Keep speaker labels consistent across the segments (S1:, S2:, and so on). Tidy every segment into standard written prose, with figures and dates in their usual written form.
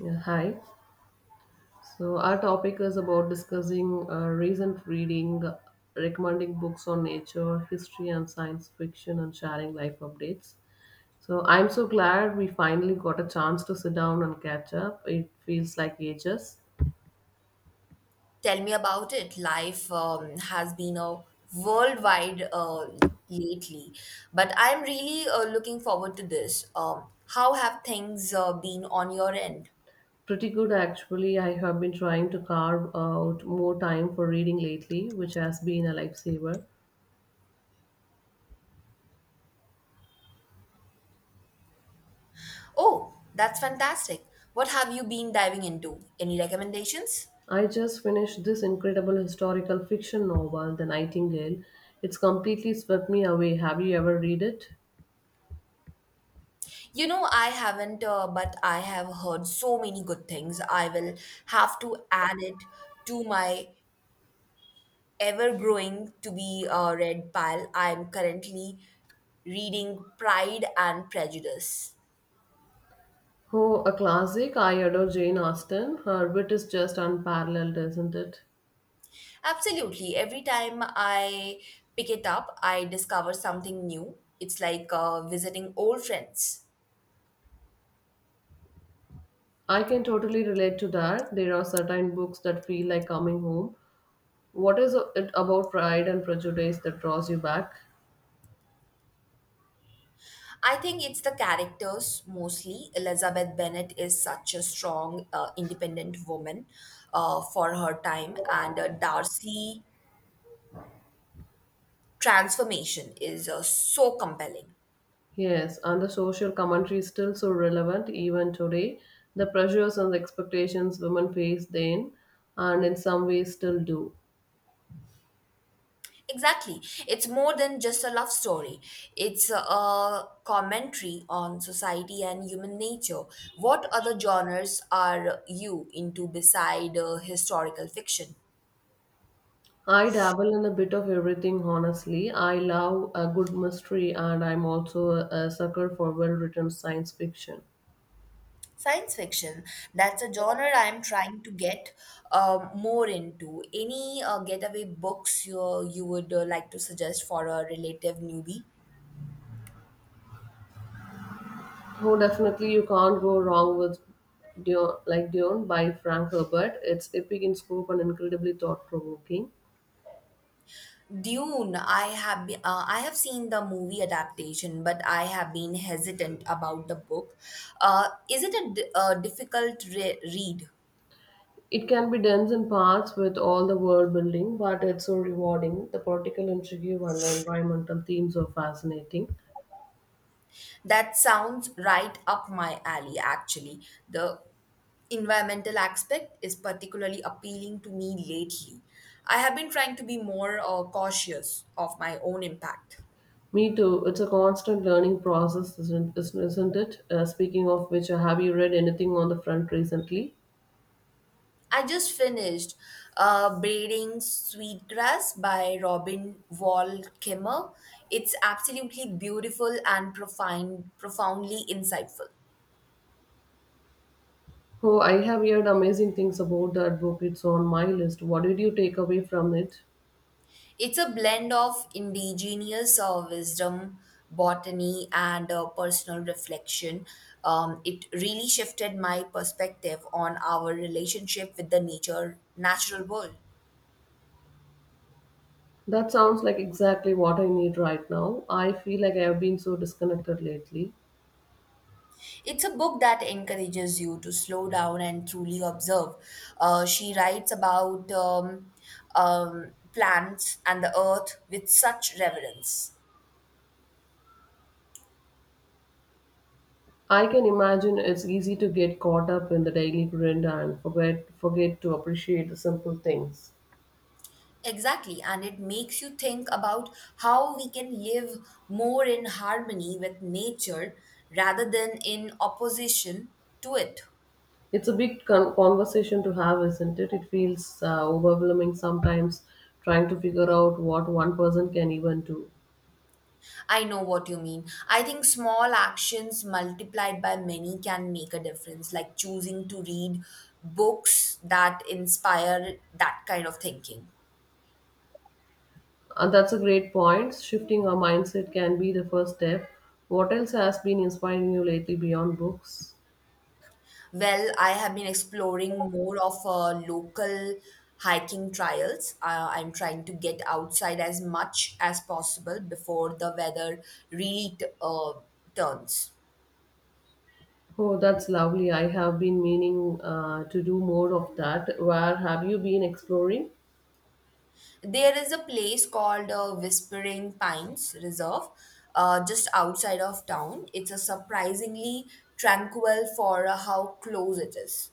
S1: Yeah, hi. So our topic is about discussing recent reading, recommending books on nature, history, and science fiction, and sharing life updates. So I'm so glad we finally got a chance to sit down and catch up. It feels like ages.
S2: Tell me about it. Life has been a worldwide lately, but I'm really looking forward to this. How have things been on your end?
S1: Pretty good actually. I have been trying to carve out more time for reading lately, which has been a lifesaver.
S2: Oh, that's fantastic. What have you been diving into? Any recommendations?
S1: I just finished this incredible historical fiction novel, The Nightingale. It's completely swept me away. Have you ever read it?
S2: You know, I haven't, but I have heard so many good things. I will have to add it to my ever growing to be read pile. I'm currently reading Pride and Prejudice.
S1: Oh, a classic. I adore Jane Austen. Her wit is just unparalleled, isn't it?
S2: Absolutely. Every time I pick it up, I discover something new. It's like visiting old friends.
S1: I can totally relate to that. There are certain books that feel like coming home. What is it about Pride and Prejudice that draws you back?
S2: I think it's the characters mostly. Elizabeth Bennet is such a strong, independent woman for her time, and Darcy transformation is so compelling.
S1: Yes, and the social commentary is still so relevant even today. The pressures and the expectations women faced then, and in some ways still do.
S2: Exactly. It's more than just a love story. It's a commentary on society and human nature. What other genres are you into beside historical fiction?
S1: I dabble in a bit of everything, honestly. I love a good mystery, and I'm also a sucker for well-written science fiction.
S2: Science fiction. That's a genre I'm trying to get more into. Any getaway books you would like to suggest for a relative newbie?
S1: Oh, definitely, you can't go wrong with Dune, like Dune by Frank Herbert. It's epic in scope and incredibly thought-provoking.
S2: Dune, I have seen the movie adaptation, but I have been hesitant about the book. Is it a difficult read?
S1: It can be dense in parts with all the world building, but it's so rewarding. The political intrigue and environmental themes are fascinating.
S2: That sounds right up my alley. Actually, the environmental aspect is particularly appealing to me lately. I have been trying to be more cautious of my own impact.
S1: Me too. It's a constant learning process, isn't it? Speaking of which, have you read anything on the front recently?
S2: I just finished Braiding Sweetgrass by Robin Wall Kimmer. It's absolutely beautiful and profoundly insightful.
S1: Oh, I have heard amazing things about that book. It's on my list. What did you take away from it?
S2: It's a blend of indigenous wisdom, botany, and personal reflection. It really shifted my perspective on our relationship with the natural world.
S1: That sounds like exactly what I need right now. I feel like I have been so disconnected lately.
S2: It's a book that encourages you to slow down and truly observe. She writes about plants and the earth with such reverence.
S1: I can imagine it's easy to get caught up in the daily grind and forget to appreciate the simple things.
S2: Exactly, and it makes you think about how we can live more in harmony with nature rather than in opposition to it.
S1: It's a big conversation to have, isn't it? It feels overwhelming sometimes trying to figure out what one person can even do.
S2: I know what you mean. I think small actions multiplied by many can make a difference, like choosing to read books that inspire that kind of thinking.
S1: And that's a great point. Shifting our mindset can be the first step. What else has been inspiring you lately beyond books?
S2: Well, I have been exploring more of local hiking trials. I'm trying to get outside as much as possible before the weather really turns.
S1: Oh, that's lovely. I have been meaning to do more of that. Where have you been exploring?
S2: There is a place called Whispering Pines Reserve just outside of town. It's a surprisingly tranquil for how close it is.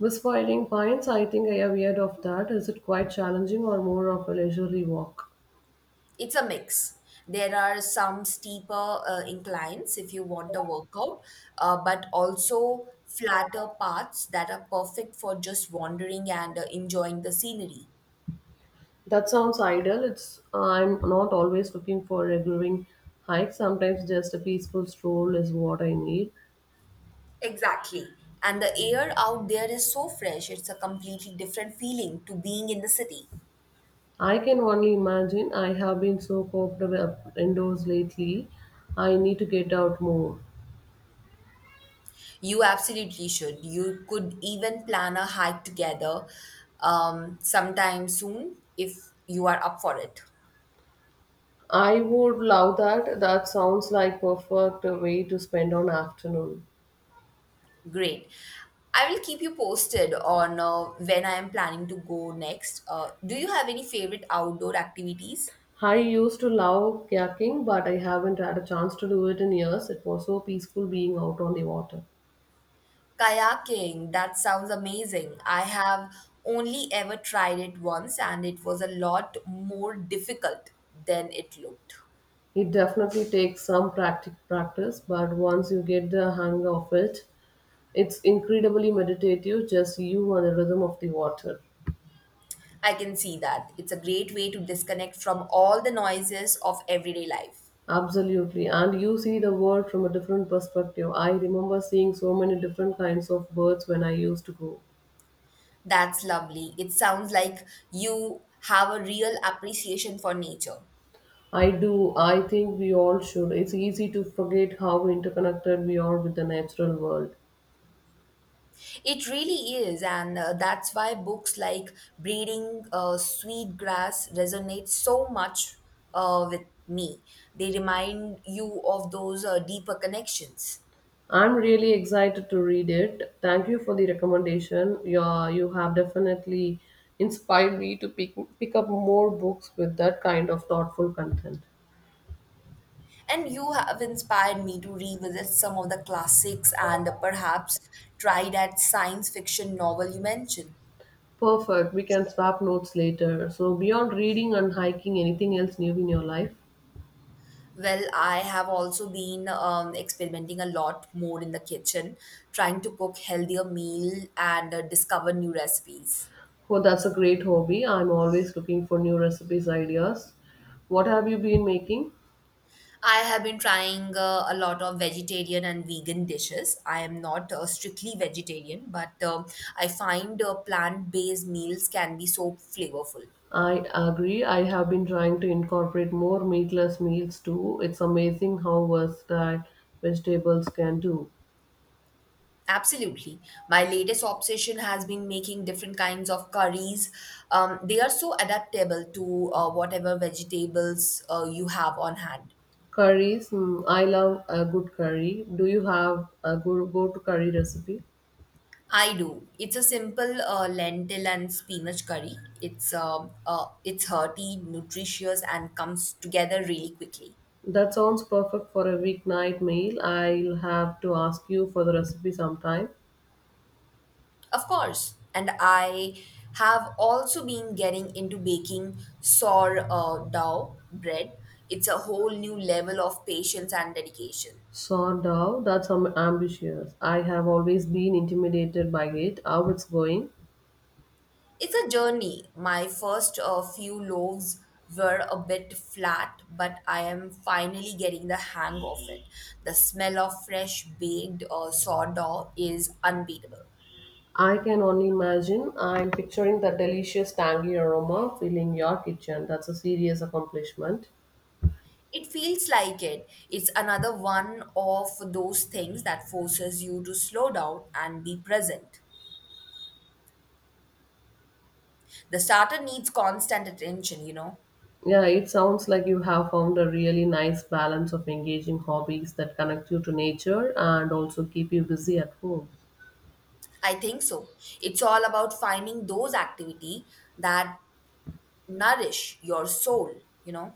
S1: Whispering Pines, I think I have heard of that. Is it quite challenging or more of a leisurely walk?
S2: It's a mix. There are some steeper inclines if you want a workout, but also flatter paths that are perfect for just wandering and enjoying the scenery.
S1: That sounds ideal. It's I'm not always looking for a grueling hike. Sometimes just a peaceful stroll is what I need.
S2: Exactly. And the air out there is so fresh, it's a completely different feeling to being in the city.
S1: I can only imagine. I have been so cooped up indoors lately. I need to get out more.
S2: You absolutely should. You could even plan a hike together sometime soon if you are up for it.
S1: I would love that. That sounds like perfect way to spend an afternoon.
S2: Great. I will keep you posted on when I am planning to go next. Do you have any favorite outdoor activities?
S1: I used to love kayaking, but I haven't had a chance to do it in years. It was so peaceful being out on the water.
S2: Kayaking, that sounds amazing. I have only ever tried it once and it was a lot more difficult than it looked.
S1: It definitely takes some practice, but once you get the hang of it, it's incredibly meditative, just you and the rhythm of the water.
S2: I can see that. It's a great way to disconnect from all the noises of everyday life.
S1: Absolutely. And you see the world from a different perspective. I remember seeing so many different kinds of birds when I used to go.
S2: That's lovely. It sounds like you have a real appreciation for nature.
S1: I do. I think we all should. It's easy to forget how interconnected we are with the natural world.
S2: It really is, and that's why books like Breeding Sweet Grass resonate so much with me. They remind you of those deeper connections.
S1: I'm really excited to read it. Thank you for the recommendation. Yeah, you have definitely inspired me to pick up more books with that kind of thoughtful content.
S2: And you have inspired me to revisit some of the classics and perhaps try that science fiction novel you mentioned.
S1: Perfect. We can swap notes later. So, beyond reading and hiking, anything else new in your life?
S2: Well, I have also been experimenting a lot more in the kitchen, trying to cook healthier meal and discover new recipes.
S1: Oh, that's a great hobby. I'm always looking for new recipes ideas. What have you been making?
S2: I have been trying a lot of vegetarian and vegan dishes. I am not strictly vegetarian, but I find plant-based meals can be so flavorful.
S1: I agree. I have been trying to incorporate more meatless meals too. It's amazing how versatile vegetables can do.
S2: Absolutely. My latest obsession has been making different kinds of curries. They are so adaptable to whatever vegetables you have on hand.
S1: Curries, mm, I love a good curry. Do you have a good go-to curry recipe?
S2: I do. It's a simple lentil and spinach curry. It's hearty, nutritious, and comes together really quickly.
S1: That sounds perfect for a weeknight meal. I'll have to ask you for the recipe sometime.
S2: Of course, and I have also been getting into baking sourdough bread. It's a whole new level of patience and dedication.
S1: Sourdough, that's ambitious. I have always been intimidated by it. How it's going?
S2: It's a journey. My first few loaves were a bit flat, but I am finally getting the hang of it. The smell of fresh baked sourdough is unbeatable.
S1: I can only imagine. I'm picturing the delicious tangy aroma filling your kitchen. That's a serious accomplishment.
S2: It feels like it. It's another one of those things that forces you to slow down and be present. The starter needs constant attention, you know.
S1: Yeah, it sounds like you have found a really nice balance of engaging hobbies that connect you to nature and also keep you busy at home.
S2: I think so. It's all about finding those activity that nourish your soul, you know.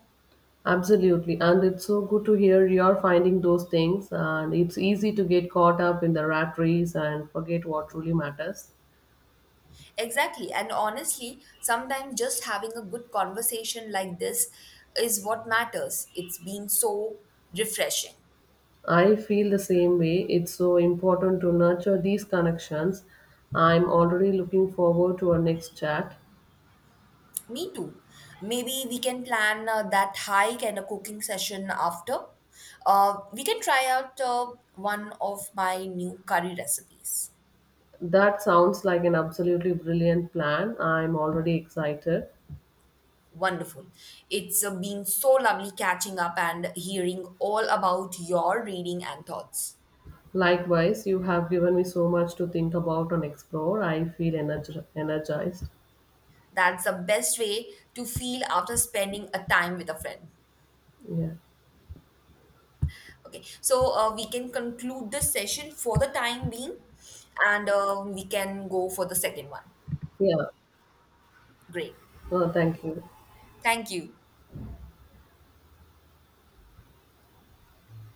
S1: Absolutely. And it's so good to hear you're finding those things. And it's easy to get caught up in the rat race and forget what truly matters.
S2: Exactly. And honestly, sometimes just having a good conversation like this is what matters. It's been so refreshing.
S1: I feel the same way. It's so important to nurture these connections. I'm already looking forward to our next chat.
S2: Me too. Maybe we can plan that hike and a cooking session after. We can try out one of my new curry recipes.
S1: That sounds like an absolutely brilliant plan. I'm already excited.
S2: Wonderful. It's been so lovely catching up and hearing all about your reading and thoughts.
S1: Likewise, you have given me so much to think about and explore. I feel energized.
S2: That's the best way to feel after spending a time with a friend.
S1: Yeah.
S2: Okay, so we can conclude this session for the time being, and we can go for the second one.
S1: Yeah.
S2: Great.
S1: Oh, thank you.
S2: Thank you.